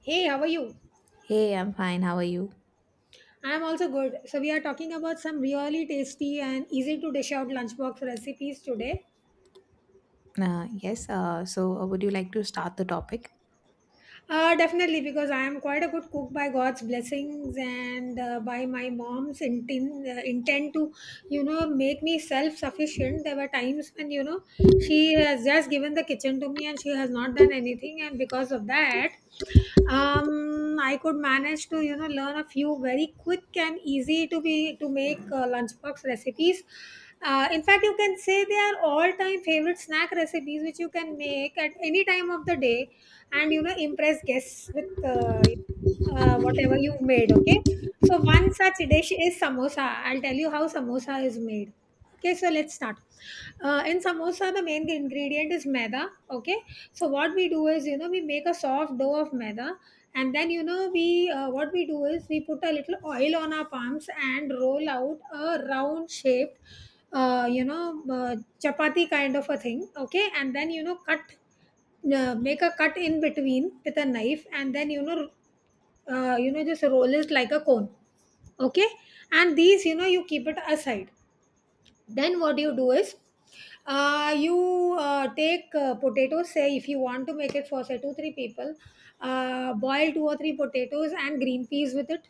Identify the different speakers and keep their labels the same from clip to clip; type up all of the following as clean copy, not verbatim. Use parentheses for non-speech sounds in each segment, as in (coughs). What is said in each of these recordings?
Speaker 1: Hey, how are you?
Speaker 2: Hey, I'm fine. How are you?
Speaker 1: I'm also good. So, we are talking about some really tasty and easy to dish out lunchbox recipes today.
Speaker 2: Would you like to start the topic?
Speaker 1: Definitely, because I am quite a good cook by God's blessings and by my mom's intent to, make me self sufficient. There were times when, she has just given the kitchen to me and she has not done anything. And because of that, I could manage to learn a few very quick and easy to make lunchbox recipes. In fact, you can say they are all-time favorite snack recipes which you can make at any time of the day, and impress guests with whatever you've made. Okay. So one such dish is samosa. I'll tell you how samosa is made. Okay, so let's start. In samosa, the main ingredient is maida. Okay, so what we do is, we make a soft dough of maida, and then you know, we what we do is we put a little oil on our palms and roll out a round shaped, uh, you know, uh, chapati kind of a thing. Okay, and then you know, cut make a cut in between with a knife, and then just roll it like a cone. Okay. And these, you keep it aside. Then what you do is you take potatoes. Say if you want to make it for say two three people, boil two or three potatoes and green peas with it.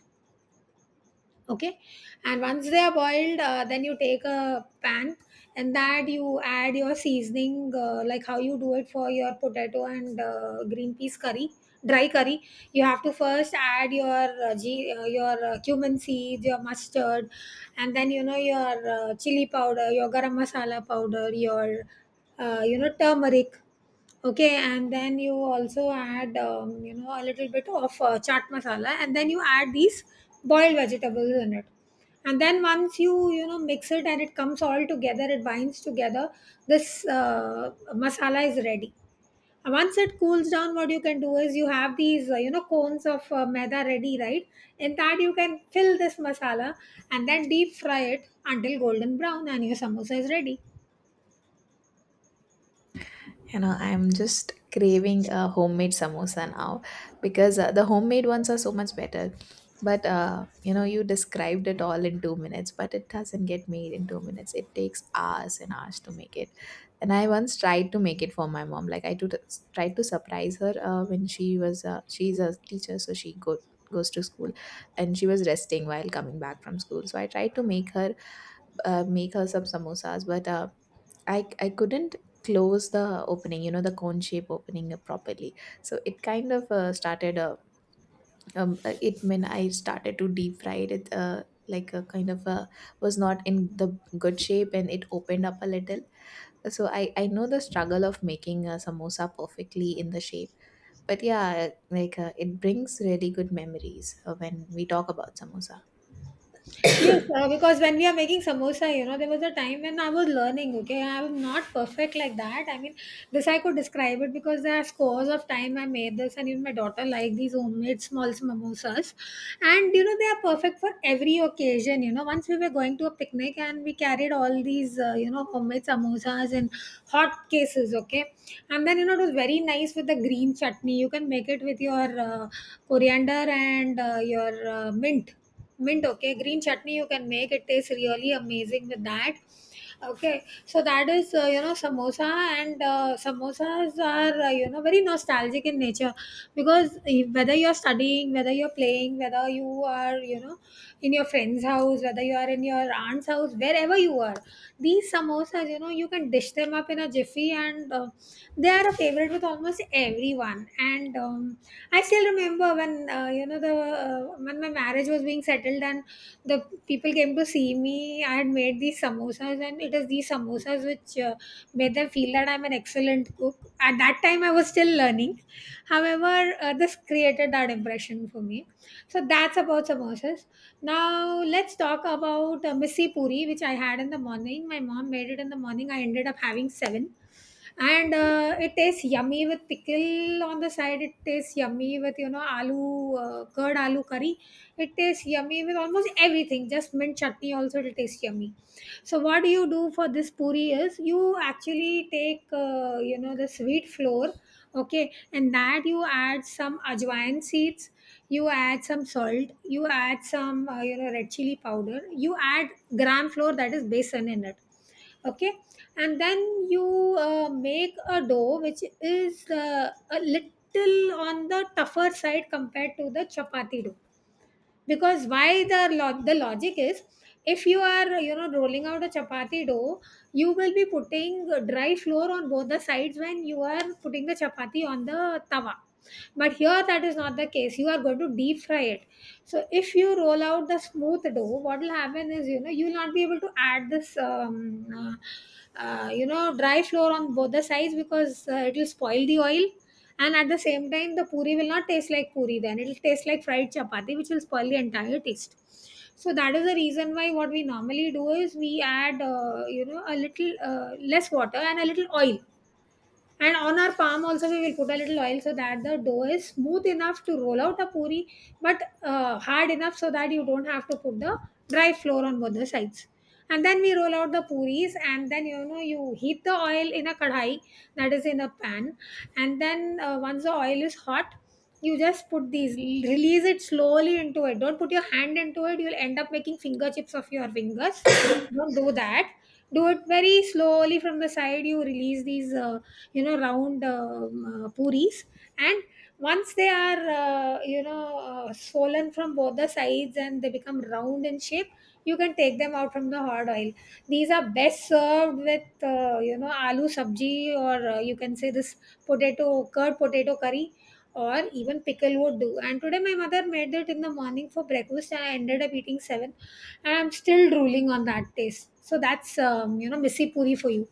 Speaker 1: Okay. And once they are boiled, then you take a pan, and that you add your seasoning, like how you do it for your potato and green peas curry, dry curry. You have to first add your cumin seeds, your mustard, and then your chili powder, your garam masala powder, your turmeric. Okay, and then you also add, a little bit of chaat masala, and then you add these boiled vegetables in it. And then once you mix it and it comes all together, it binds together, this masala is ready. And once it cools down, what you can do is, you have these, cones of maida ready, right? In that, you can fill this masala and then deep fry it until golden brown, and your samosa is ready.
Speaker 2: I'm just craving a homemade samosa now because the homemade ones are so much better. But you described it all in 2 minutes, but it doesn't get made in 2 minutes. It takes hours and hours to make it. And I once tried to make it for my mom. Tried to surprise her when she's a teacher, so goes to school, and she was resting while coming back from school. So I tried to make her some samosas, but I couldn't close the opening, you know, the cone shape opening properly. So it kind of started it when I started to deep fry it it, like a kind of was not in the good shape and it opened up a little. So I know the struggle of making a samosa perfectly in the shape. But yeah, like it brings really good memories when we talk about samosa.
Speaker 1: Yes, because when we are making samosa, there was a time when I was learning, okay? I'm not perfect like that. I mean, this I could describe it because there are scores of time I made this, and even my daughter liked these homemade small samosas. And they are perfect for every occasion. Once we were going to a picnic and we carried all these homemade samosas in hot cases. Okay. And then it was very nice with the green chutney. You can make it with your coriander and your mint. Okay, green chutney, you can make it, tastes really amazing with that. Okay, so that is samosa. And samosas are very nostalgic in nature because whether you're studying, whether you're playing, whether you are in your friend's house, whether you are in your aunt's house, wherever you are, these samosas, you can dish them up in a jiffy, and they are a favorite with almost everyone. And I still remember when you know the when my marriage was being settled and the people came to see me. I had made these samosas, and it is these samosas which made them feel that I'm an excellent cook. At that time, I was still learning. However, this created that impression for me. So that's about samosas. Now let's talk about missi puri, which I had in the morning. My mom made it in the morning. I ended up having seven, and it tastes yummy with pickle on the side. It tastes yummy with, aloo, curd aloo curry. It tastes yummy with almost everything. Just mint chutney also, it'll taste yummy. So what do you do for this puri is, you actually take the sweet flour. Okay, and that you add some ajwain seeds, you add some salt, you add some red chili powder, you add gram flour, that is besan, in it. Okay. And then you make a dough which is a little on the tougher side compared to the chapati dough, because why, the logic is, if you are rolling out a chapati dough, you will be putting dry flour on both the sides when you are putting the chapati on the tawa. But here that is not the case. You are going to deep fry it. So if you roll out the smooth dough, what will happen is, you will not be able to add this dry flour on both the sides, because it will spoil the oil. And at the same time, the puri will not taste like puri then. It'll taste like fried chapati, which will spoil the entire taste. So that is the reason why what we normally do is, we add, a little less water and a little oil, and on our palm also we will put a little oil, so that the dough is smooth enough to roll out a puri, but hard enough so that you don't have to put the dry flour on both the sides. And then we roll out the puris, and then you heat the oil in a kadhai, that is, in a pan. And then once the oil is hot, you just put these, release it slowly into it. Don't put your hand into it; you'll end up making finger chips of your fingers. Don't do that. Do it very slowly. From the side, you release these round puris. And once they are swollen from both the sides and they become round in shape, you can take them out from the hot oil. These are best served with aloo sabji, or you can say this potato, curd potato curry, or even pickle would do. And today my mother made it in the morning for breakfast, and I ended up eating seven, and I'm still drooling on that taste. So that's missy puri for you.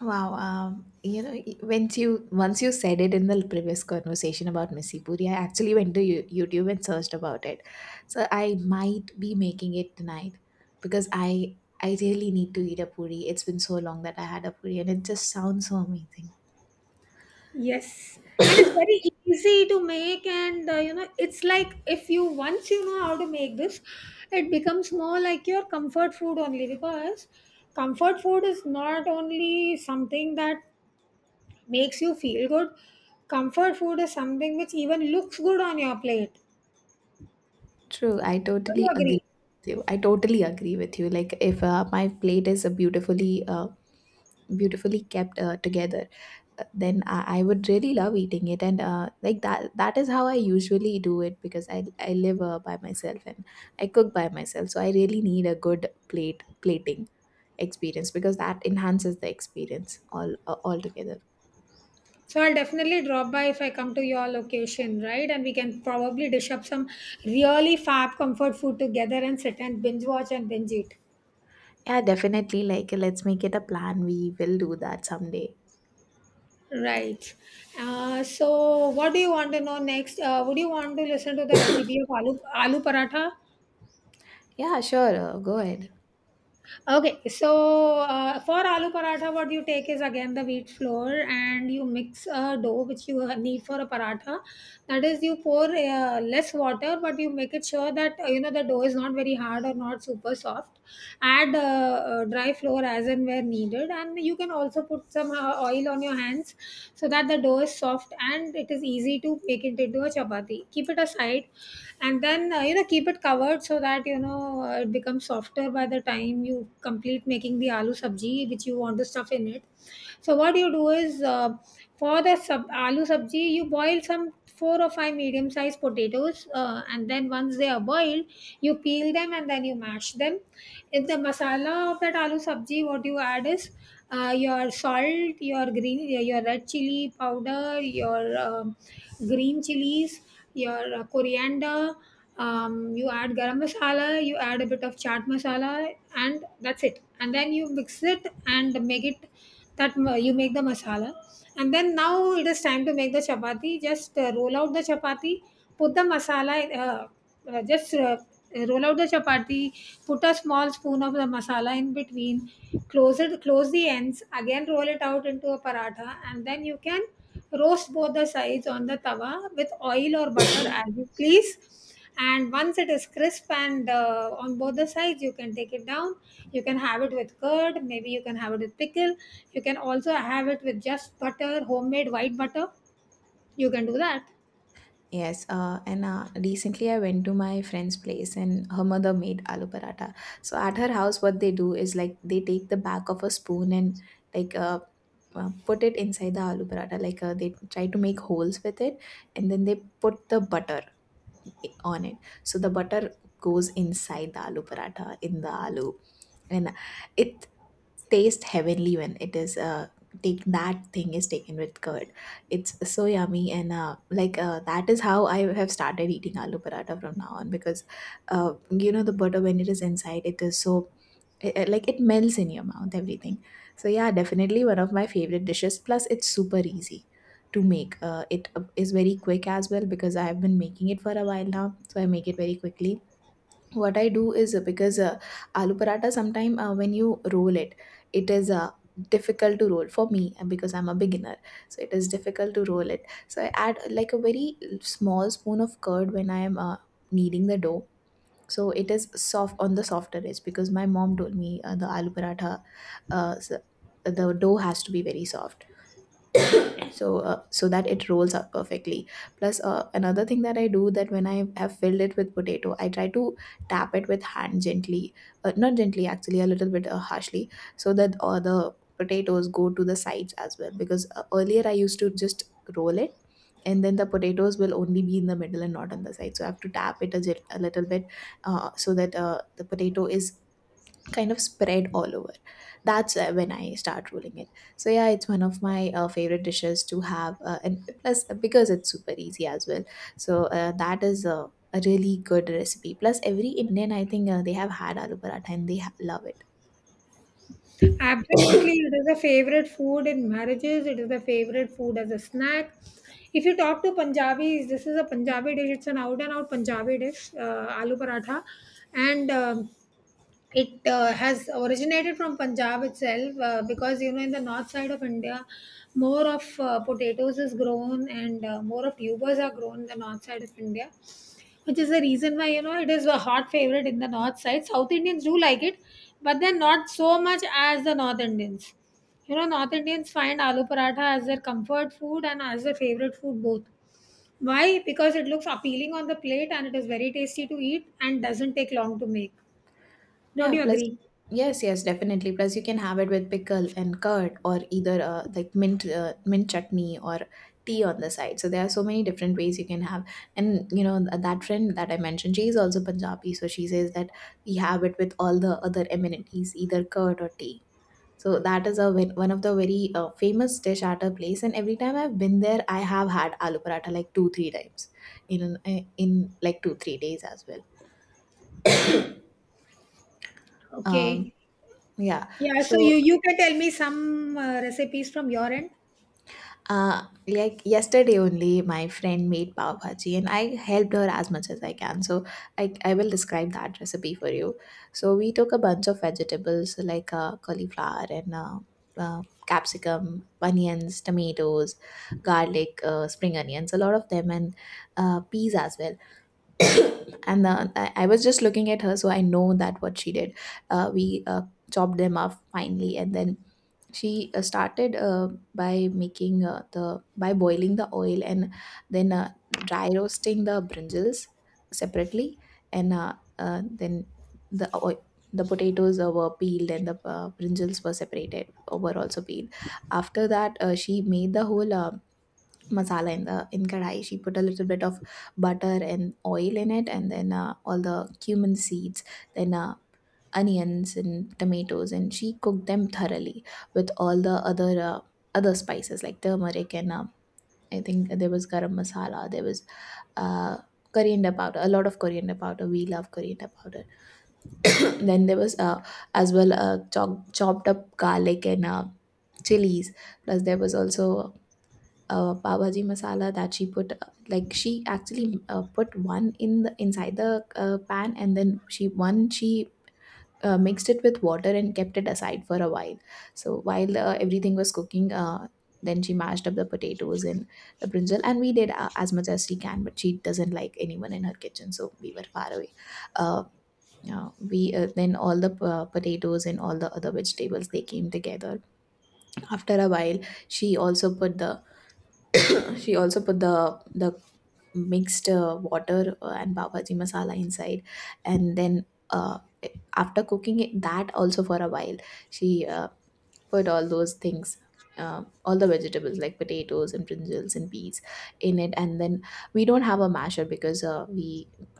Speaker 2: Wow. Once you said it in the previous conversation about missi Puri, I actually went to YouTube and searched about it. So I might be making it tonight because I really need to eat a puri. It's been so long that I had a puri, and it just sounds so amazing.
Speaker 1: Yes, and it's very easy to make, and it's like, if you once you know how to make this, it becomes more like your comfort food only, because comfort food is not only something that makes you feel good, comfort food is something which even looks good on your plate.
Speaker 2: True, I
Speaker 1: Don't you
Speaker 2: totally agree
Speaker 1: agree?
Speaker 2: with you. I totally agree with you. Like if my plate is a beautifully kept together, then I would really love eating it. And like that is how I usually do it, because I live by myself and I cook by myself. So I really need a good plate plating experience, because that enhances the experience all altogether.
Speaker 1: So I'll definitely drop by if I come to your location, right? And we can probably dish up some really fab comfort food together and sit and binge watch and binge eat.
Speaker 2: Yeah, definitely, like let's make it a plan. We will do that someday.
Speaker 1: Right. So, what do you want to know next? Would you want to listen to the recipe of aloo paratha?
Speaker 2: Yeah, sure. Go ahead.
Speaker 1: Okay. So, for aloo paratha, what you take is again the wheat flour, and you mix a dough which you need for a paratha. That is, you pour less water, but you make it sure that the dough is not very hard or not super soft. Add dry flour as and where needed, and you can also put some oil on your hands so that the dough is soft and it is easy to make it into a chapati. Keep it aside, and then keep it covered, so that it becomes softer by the time you complete making the aloo sabji which you want to stuff in it. So what you do is, for the aloo sabji, you boil some four or five medium sized potatoes, and then once they are boiled, you peel them and then you mash them. In the masala of that aloo sabji, what you add is your salt, your red chili powder, your green chilies, your coriander. You add garam masala, you add a bit of chaat masala, and that's it. And then you mix it and make it you make the masala. And then now it is time to make the chapati. Just roll out the chapati, put the masala just Roll out the chapati, put a small spoon of the masala in between, close it, close the ends, again roll it out into a paratha, and then you can roast both the sides on the tawa with oil or butter as you please. And once it is crisp and on both the sides, you can take it down. You can have it with curd, maybe you can have it with pickle. You can also have it with just butter, homemade white butter. You can do that.
Speaker 2: Yes, and recently I went to my friend's place and her mother made aloo paratha. So at her house, what they do is, like, they take the back of a spoon and like uh, put it inside the aloo paratha. Like they try to make holes with it, and then they put the butter on it. So the butter goes inside the aloo paratha, in the aloo, and it taste heavenly when it is take that thing is taken with curd. It's so yummy. And that is how I have started eating aloo paratha from now on, because you know, the butter, when it is inside, it is so, like, it melts in your mouth, everything. So yeah, definitely one of my favorite dishes. Plus it's super easy to make. It is very quick as well, because I have been making it for a while now, so I make it very quickly. What I do is, because aloo paratha sometime, when you roll it, it is difficult to roll for me, and because I'm a beginner, so it is difficult to roll it. So I add, like, a very small spoon of curd when I am kneading the dough, so it is soft on the softer edge, because my mom told me, the aloo paratha, uh, s- the dough has to be very soft, so that it rolls up perfectly. Plus another thing that I do, that when I have filled it with potato, I try to tap it with hand gently, not gently actually, a little bit harshly, so that all the potatoes go to the sides as well. Because earlier I used to just roll it, and then the potatoes will only be in the middle and not on the side. So I have to tap it a little bit, so that the potato is kind of spread all over. That's when I start rolling it. So yeah, it's one of my favorite dishes to have, and plus because it's super easy as well. So a really good recipe. Plus, every Indian, I think, they have had aloo paratha and they love it.
Speaker 1: Absolutely, it is a favorite food in marriages. It is a favorite food as a snack. If you talk to Punjabis, this is a Punjabi dish. It's an out and out Punjabi dish, aloo paratha, and it has originated from Punjab itself because you know in the north side of India, more of potatoes is grown, and more of tubers are grown in the north side of India, which is the reason why you know it is a hot favorite in the north side. South Indians do like it, but then not so much as the North Indians. You know, North Indians find aloo paratha as their comfort food and as their favorite food both. Why? Because it looks appealing on the plate and it is very tasty to eat and doesn't take long to make. Don't
Speaker 2: Yeah,
Speaker 1: you
Speaker 2: plus,
Speaker 1: agree?
Speaker 2: yes, yes, definitely. Plus, you can have it with pickle and curd, or either like mint chutney or tea on the side. So there are so many different ways you can have. And you know that friend that I mentioned, she is also Punjabi, so she says that we have it with all the other amenities, either curd or tea. So that is one of the very famous dish at her place. And every time I've been there, I have had aloo paratha like 2-3 times in like 2-3 days as well. Um,
Speaker 1: Okay.
Speaker 2: yeah.
Speaker 1: Yeah, so
Speaker 2: So
Speaker 1: you can tell me some recipes from your end.
Speaker 2: Like yesterday only, my friend made pav bhaji, and I helped her as much as I can. So I will describe that recipe for you. So we took a bunch of vegetables, like cauliflower and capsicum, onions, tomatoes, garlic, spring onions, a lot of them, and peas as well. And I was just looking at her, so I know that what she did. We chopped them up finely, and then she started by making the by boiling the oil, and then dry roasting the brinjals separately. And then the oil, the potatoes were peeled, and the brinjals were separated, were also peeled. After that, she made the whole masala in the in kadai. She put a little bit of butter and oil in it, and then all the cumin seeds, then onions and tomatoes, and she cooked them thoroughly with all the other spices like turmeric, and I think there was garam masala, there was uh, coriander powder, a lot of coriander powder, we love coriander powder. (clears throat) Then there was as well chopped up garlic and chilies. Plus there was also pav bhaji masala that she put, like she actually put one in the inside the pan, and then she mixed it with water and kept it aside for a while. So while everything was cooking, then she mashed up the potatoes and the brinjal, and we did as much as she can, but she doesn't like anyone in her kitchen, so we were far away. Uh, we Then all the potatoes and all the other vegetables, they came together after a while. She also put the she also put the mixed water and pav bhaji masala inside, and then uh, after cooking it, that also for a while, she put all those things, all the vegetables like potatoes and brinjals and peas in it. And then we don't have a masher, because uh, we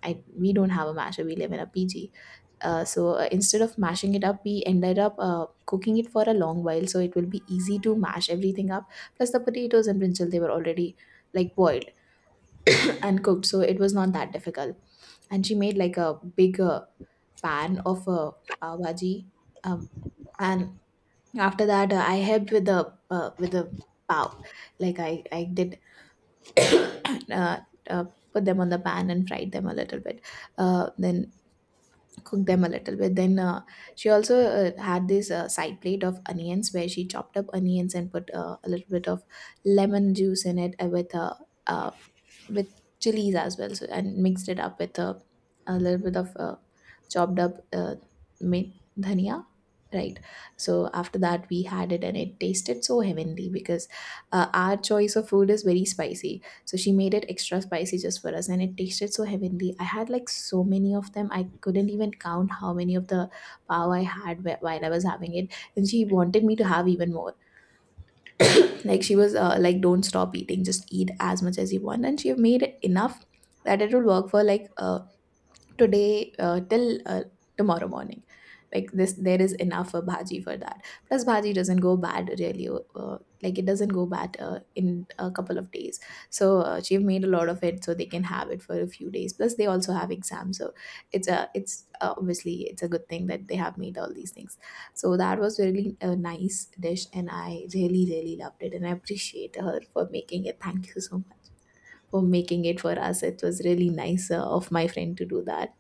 Speaker 2: I, we don't have a masher, we live in a PG. So instead of mashing it up, we ended up cooking it for a long while, so it will be easy to mash everything up. Plus the potatoes and brinjal, they were already, like, boiled (clears throat) and cooked, so it was not that difficult. And she made, like, a big pan of pav bhaji, um, and after that, I helped with the pav. Like I did (clears throat) uh, uh, put them on the pan and fried them a little bit. Then cook them a little bit. Then she also had this side plate of onions, where she chopped up onions and put a little bit of lemon juice in it uh, with chilies as well. So and mixed it up with a little bit of chopped up mint dhania. Right. So after that, we had it, and it tasted so heavenly because our choice of food is very spicy. So she made it extra spicy just for us, and it tasted so heavenly. I had, like, so many of them. I couldn't even count how many of the pav I had while I was having it. And she wanted me to have even more. Like, she was like, don't stop eating, just eat as much as you want. And she made it enough that it will work for like a today till tomorrow morning, like this there is enough for bhaji for that. Plus bhaji doesn't go bad really, uh, like it doesn't go bad in a couple of days. So she made a lot of it so they can have it for a few days, plus they also have exams. So it's a it's obviously it's a good thing that they have made all these things. So that was really a nice dish and I really really loved it, and I appreciate her for making it. Thank you so much for making it for us. It was really nice of my friend to do that.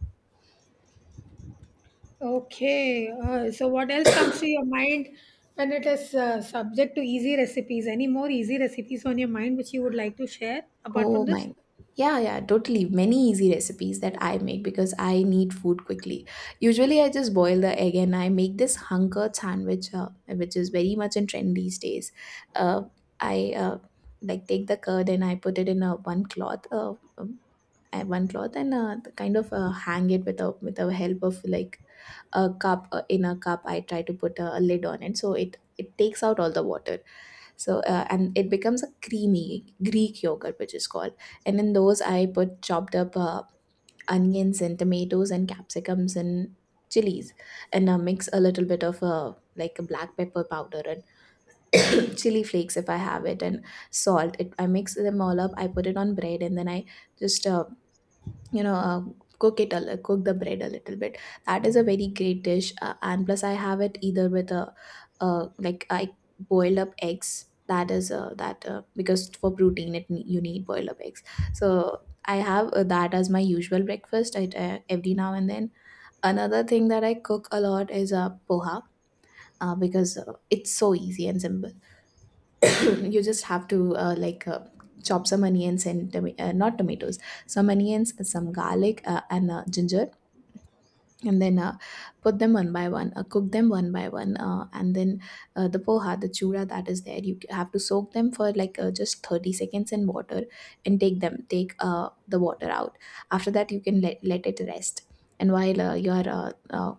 Speaker 1: Okay. So, what else comes to your mind when it is subject to easy recipes? Any more easy recipes on your mind which you would like to share apart
Speaker 2: Oh
Speaker 1: from
Speaker 2: my.
Speaker 1: this?
Speaker 2: g- Yeah, yeah, totally. Many easy recipes that I make because I need food quickly. Usually, I just boil the egg and I make this hunker sandwich, which is very much in trend these days. Uh, I like take the curd and I put it in a one cloth, and kind of hang it with the help of like a cup. In a cup, I try to put a lid on it, so it takes out all the water. So and it becomes a creamy Greek yogurt, which is called. And in those I put chopped up onions and tomatoes and capsicums and chilies, and mix a little bit of like a black pepper powder and (coughs) chili flakes if I have it, and salt it. I mix them all up, I put it on bread and then I just you know uh, cook cook the bread a little bit. That is a very great dish, and plus I have it either with a like I boiled up eggs. That is that because for protein you need boiled up eggs. So I have that as my usual breakfast, every now and then. Another thing that I cook a lot is poha, because it's so easy and simple. (clears throat) You just have to chop some onions and not tomatoes, some onions, some garlic, and ginger, and then put them one by one, cook them one by one, and then the poha, the chura that is there, you have to soak them for like just 30 seconds in water, and take them take the water out. After that you can let it rest. And while your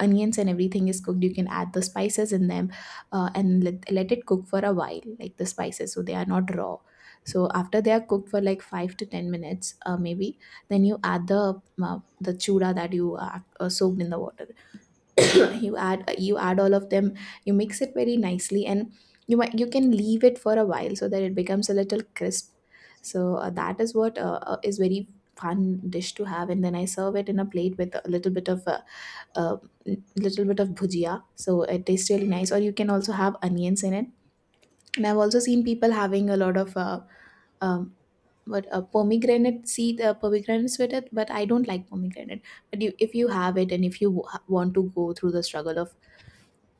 Speaker 2: onions and everything is cooked, you can add the spices in them. And let it cook for a while, like the spices, so they are not raw. So after they are cooked for like 5 to 10 minutes maybe, then you add the chura that you soaked in the water. (coughs) You add all of them, you mix it very nicely, and you can leave it for a while so that it becomes a little crisp. So that is what is very fun dish to have. And then I serve it in a plate with a little bit of bhujia so it tastes really nice, or you can also have onions in it. And I've also seen people having a lot of um what a pomegranate seed pomegranates with it, but I don't like pomegranate. But if you have it, and if you want to go through the struggle of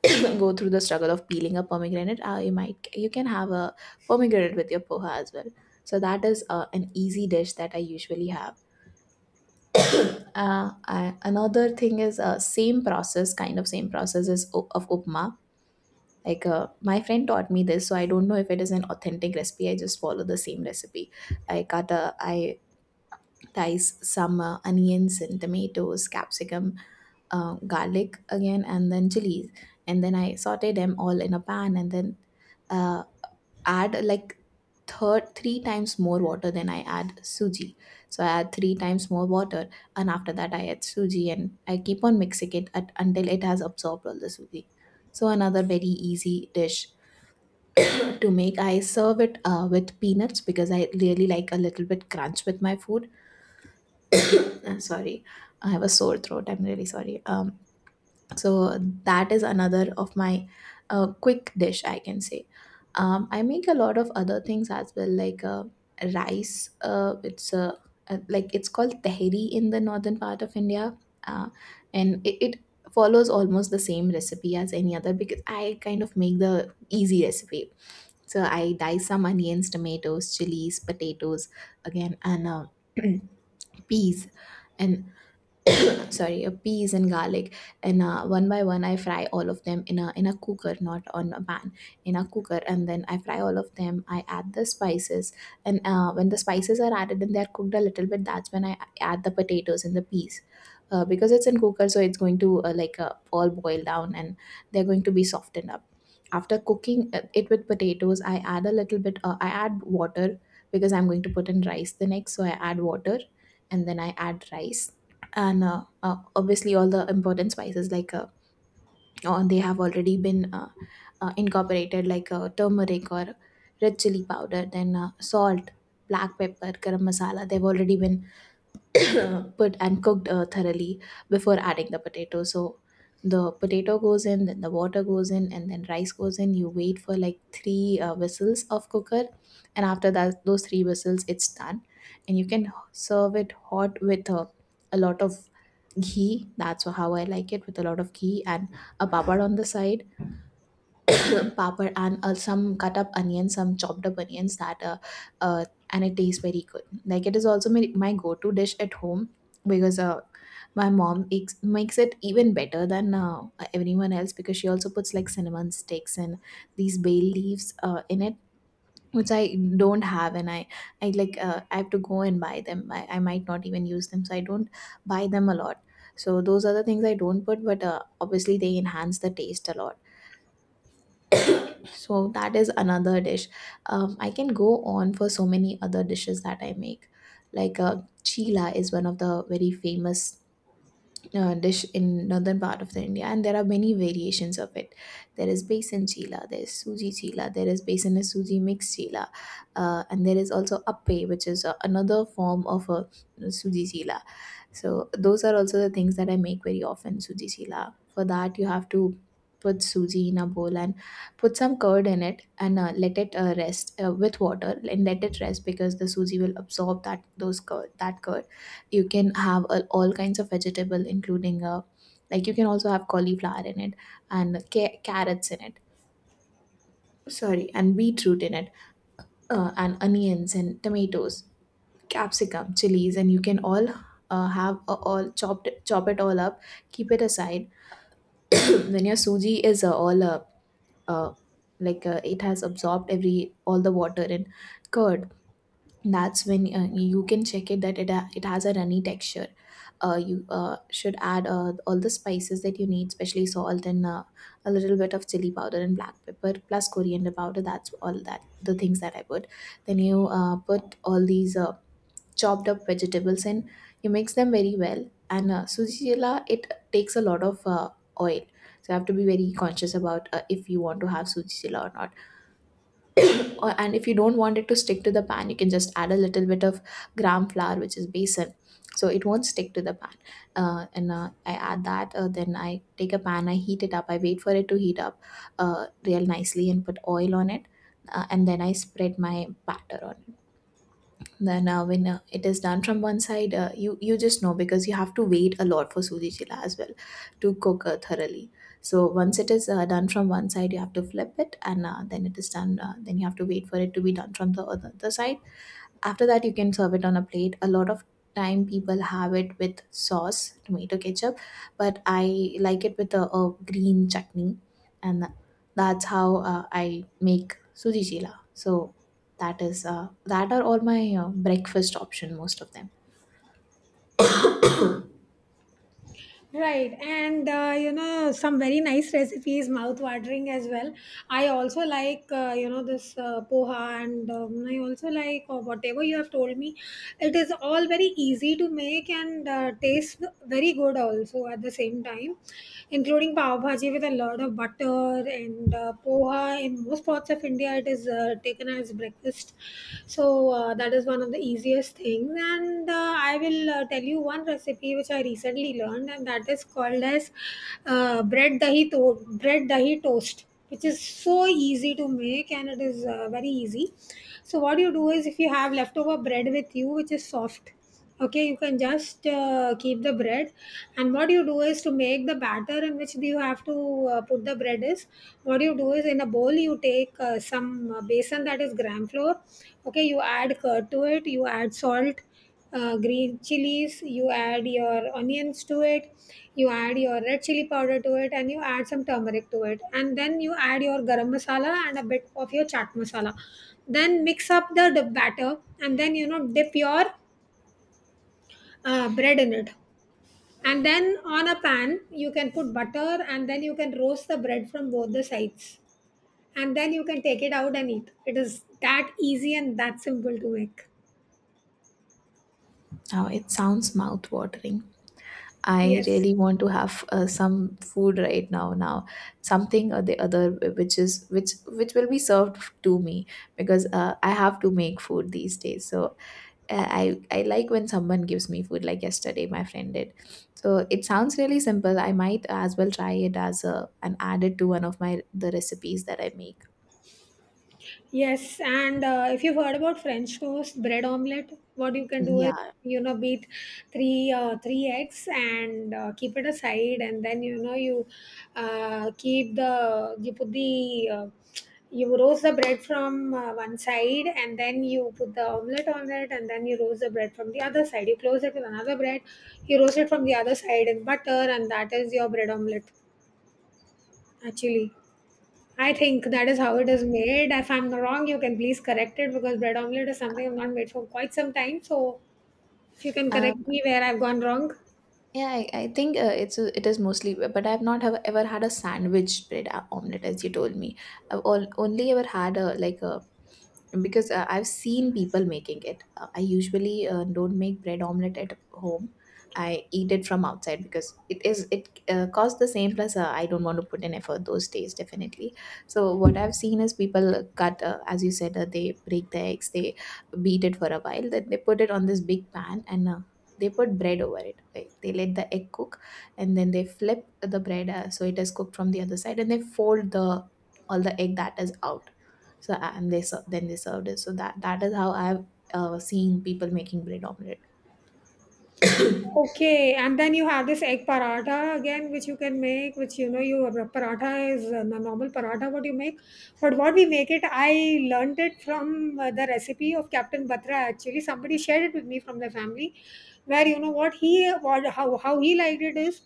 Speaker 2: (coughs) (clears throat) go through the struggle of peeling a pomegranate, you can have a pomegranate with your poha as well. So that is an easy dish that I usually have. Another thing is same process is of upma. Like my friend taught me this, so I don't know if it is an authentic recipe. I just follow the same recipe. I dice some onions and tomatoes, capsicum, garlic again, and then chilies, and then I saute them all in a pan, and then uh, add like third three times more water than I add suji. So I add three times more water, and after that I add suji, and I keep on mixing it until it has absorbed all the suji. So another very easy dish (clears throat) to make. I serve it with peanuts because I really like a little bit crunch with my food. Sorry, I have a sore throat. I'm really sorry. So that is another of my quick dish, I can say. I make a lot of other things as well, like rice. It's like it's called tehri in the northern part of India, uh, and it follows almost the same recipe as any other because I kind of make the easy recipe. So I dice some onions, tomatoes, chilies, potatoes again, and (clears throat) peas. And (coughs) sorry, a peas and garlic, and one by one I fry all of them in a cooker, not on a pan, in a cooker. And then I fry all of them, I add the spices, and when the spices are added and they're cooked a little bit, that's when I add the potatoes and the peas. Because it's in cooker, so it's going to all boil down, and they're going to be softened up. After cooking it with potatoes, I add a little bit I add water because I'm going to put in rice the next, so I add water, and then I add rice. And obviously all the important spices like they have already been incorporated, like turmeric or red chili powder, then salt, black pepper, garam masala, they've already been (coughs) put and cooked thoroughly before adding the potato. So the potato goes in, then the water goes in, and then rice goes in. You wait for like three whistles of cooker, and after that, those three whistles, it's done. And you can serve it hot with a lot of ghee. That's how I like it, with a lot of ghee and a papad on the side, pepper and some cut up onions, some chopped up onions that uh, and it tastes very good. Like it is also my go-to dish at home because makes it even better than everyone else because she also puts like cinnamon sticks and these bay leaves in it, which I don't have, and I like I have to go and buy them. I might not even use them, so I don't buy them a lot. So those are the things I don't put, but obviously they enhance the taste a lot. So that is another dish. I can go on for so many other dishes that I make. Like chila is one of the very famous dish in northern part of the India, and there are many variations of it. There is besan chila, there is suji chila, there is besan and suji mixed chila, and there is also appe, which is another form of a suji chila. So those are also the things that I make very often, suji chila. For that, you have to put suji in a bowl and put some curd in it, and let it rest with water, and let it rest because the suji will absorb that those curd, that curd. You can have all kinds of vegetable, including like you can also have cauliflower in it and carrots in it. Sorry, and beetroot in it, and onions and tomatoes, capsicum, chilies, and you can all have all chop it all up. Keep it aside. (coughs) (clears throat) When your suji is all uh, like it has absorbed every all the water and curd. That's when you can check it that it has a runny texture. You should add all the spices that you need, especially salt and a little bit of chili powder and black pepper plus coriander powder. That's all that the things that I put. Then you put all these. Chopped up vegetables, and you mix them very well. And sujila, it takes a lot of oil. So you have to be very conscious about if you want to have sujila or not. (coughs) And if you don't want it to stick to the pan, you can just add a little bit of gram flour, which is besan. So it won't stick to the pan. And I add that. Then I take a pan, I heat it up. I wait for it to heat up real nicely and put oil on it. And then I spread my batter on it. Then when it is done from one side, you just know because you have to wait a lot for suji chila as well to cook thoroughly. So once it is done from one side, you have to flip it, and then it is done. Then you have to wait for it to be done from the other the side. After that, you can serve it on a plate. A lot of time people have it with sauce, tomato ketchup, but I like it with a green chutney, and that's how I make suji chila. So that is that are all my breakfast option. Most of them.
Speaker 1: Right, and you know, some very nice recipes, mouth watering as well. I also like you know, this poha, and I also like whatever you have told me. It is all very easy to make and tastes very good also at the same time, including pav bhaji with a lot of butter and poha. In most parts of India, it is taken as breakfast, so that is one of the easiest things. And I will tell you one recipe which I recently learned, and that is called as bread dahi toast, which is so easy to make and it is very easy. So what you do is, if you have leftover bread with you, which is soft, okay, you can just keep the bread. And what you do is, to make the batter in which you have to put the bread is, what you do is, in a bowl you take some besan, that is gram flour. Okay, you add curd to it, you add salt, green chilies, you add your onions to it, you add your red chili powder to it, and you add some turmeric to it, and then you add your garam masala and a bit of your chaat masala. Then mix up the batter, and then you know, dip your bread in it, and then on a pan you can put butter and then you can roast the bread from both the sides, and then you can take it out and eat. It is that easy and that simple to make.
Speaker 2: It sounds mouth watering. I
Speaker 1: Yes.
Speaker 2: really want to have some food right now, something or the other which is which will be served to me, because I have to make food these days. So I like when someone gives me food, like yesterday my friend did. So it sounds really simple. I might as well try it as a and add it to one of my the recipes that I make.
Speaker 1: Yes, and if you've heard about French toast, bread omelette, what you can do is,
Speaker 2: Yeah.
Speaker 1: you know, beat three eggs and keep it aside. And then you know, you keep the you put the you roast the bread from one side, and then you put the omelette on it, and then you roast the bread from the other side. You close it with another bread, you roast it from the other side in butter, and that is your bread omelette, actually. I think that is how it is made. If I'm wrong, you can please correct it, because bread omelette is something I've not made for quite some time. So if you can
Speaker 2: um
Speaker 1: correct me where I've gone wrong.
Speaker 2: Yeah, I think it is mostly, but I've not have ever had a sandwich bread omelet as you told me. Only ever had a, like a, because I've seen people making it. I usually don't make bread omelet at home. I eat it from outside because it costs the same, plus I don't want to put in effort those days definitely. So what I've seen is people cut, as you said, they break the eggs, they beat it for a while, then they put it on this big pan and they put bread over it. Like, they let the egg cook and then they flip the bread so it is cooked from the other side, and they fold the all the egg that is out. So then they served it. So that that is how I've seen people making bread omelette.
Speaker 1: Okay, and then you have this egg paratha again, which you can make, which, you know, you paratha is a normal paratha what you make, but what we make it, I learned it from the recipe of Captain Batra, actually. Somebody shared it with me from the family, where you know what he, how he liked it is,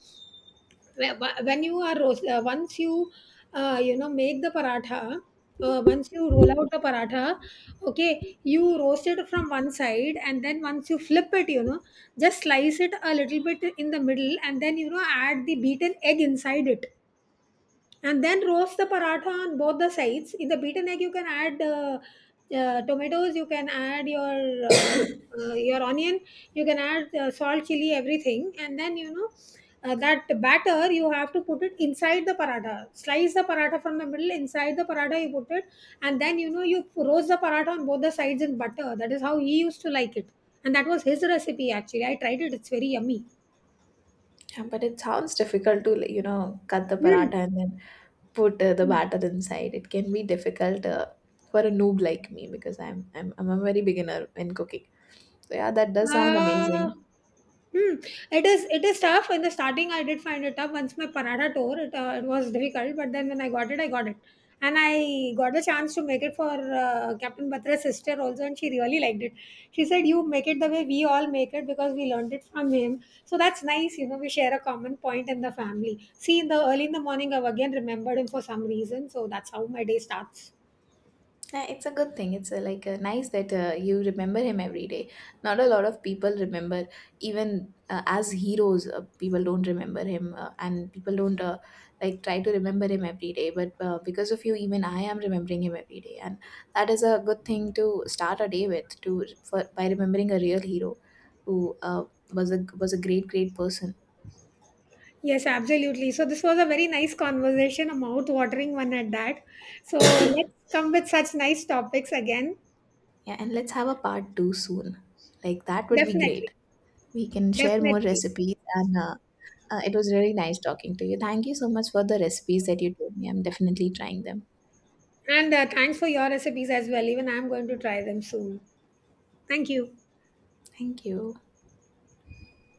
Speaker 1: when you are roast, once you you know, make the paratha, once you roll out the paratha, okay, you roast it from one side, and then once you flip it, you know, just slice it a little bit in the middle, and then you know, add the beaten egg inside it, and then roast the paratha on both the sides. In the beaten egg you can add tomatoes, you can add uh, your onion, you can add salt, chili, everything, and then you know, that batter you have to put it inside the paratha, slice the paratha from the middle, inside the paratha you put it, and then you know, you roast the paratha on both the sides in butter. That is how he used to like it, and that was his recipe. Actually, I tried it, it's very yummy.
Speaker 2: Yeah, but it sounds difficult to, like, you know, cut the paratha
Speaker 1: Mm.
Speaker 2: and then put the batter inside. It can be difficult for a noob like me, because I'm a very beginner in cooking. So yeah, that does sound
Speaker 1: Uh,
Speaker 2: amazing.
Speaker 1: hmm. It is, it is tough. In the starting, I did find it tough. Once my paratha tore, it, it was difficult. But then when I got it, and I got the chance to make it for Captain Batra's sister also, and she really liked it. She said, "You make it the way we all make it, because we learned it from him." So that's nice. You know, we share a common point in the family. See, in the early in the morning, I've again remembered him for some reason. So that's how my day starts.
Speaker 2: Yeah, it's a good thing. It's like nice that you remember him every day. Not a lot of people remember, even as heroes, people don't remember him, and people don't like try to remember him every day. But because of you, even I am remembering him every day, and that is a good thing to start a day with. To for, by remembering a real hero, who was a great great person.
Speaker 1: Yes, absolutely. So this was a very nice conversation, a mouth-watering one at that. So let's come with such nice topics again.
Speaker 2: Yeah, and let's have a part two soon. Like that would be
Speaker 1: Definitely,
Speaker 2: great. We can share more
Speaker 1: definitely.
Speaker 2: recipes and. It was really nice talking to you. Thank you so much for the recipes that you told me. I'm definitely trying them.
Speaker 1: And thanks for your recipes as well. Even I'm going to try them soon. Thank you.
Speaker 2: Thank you.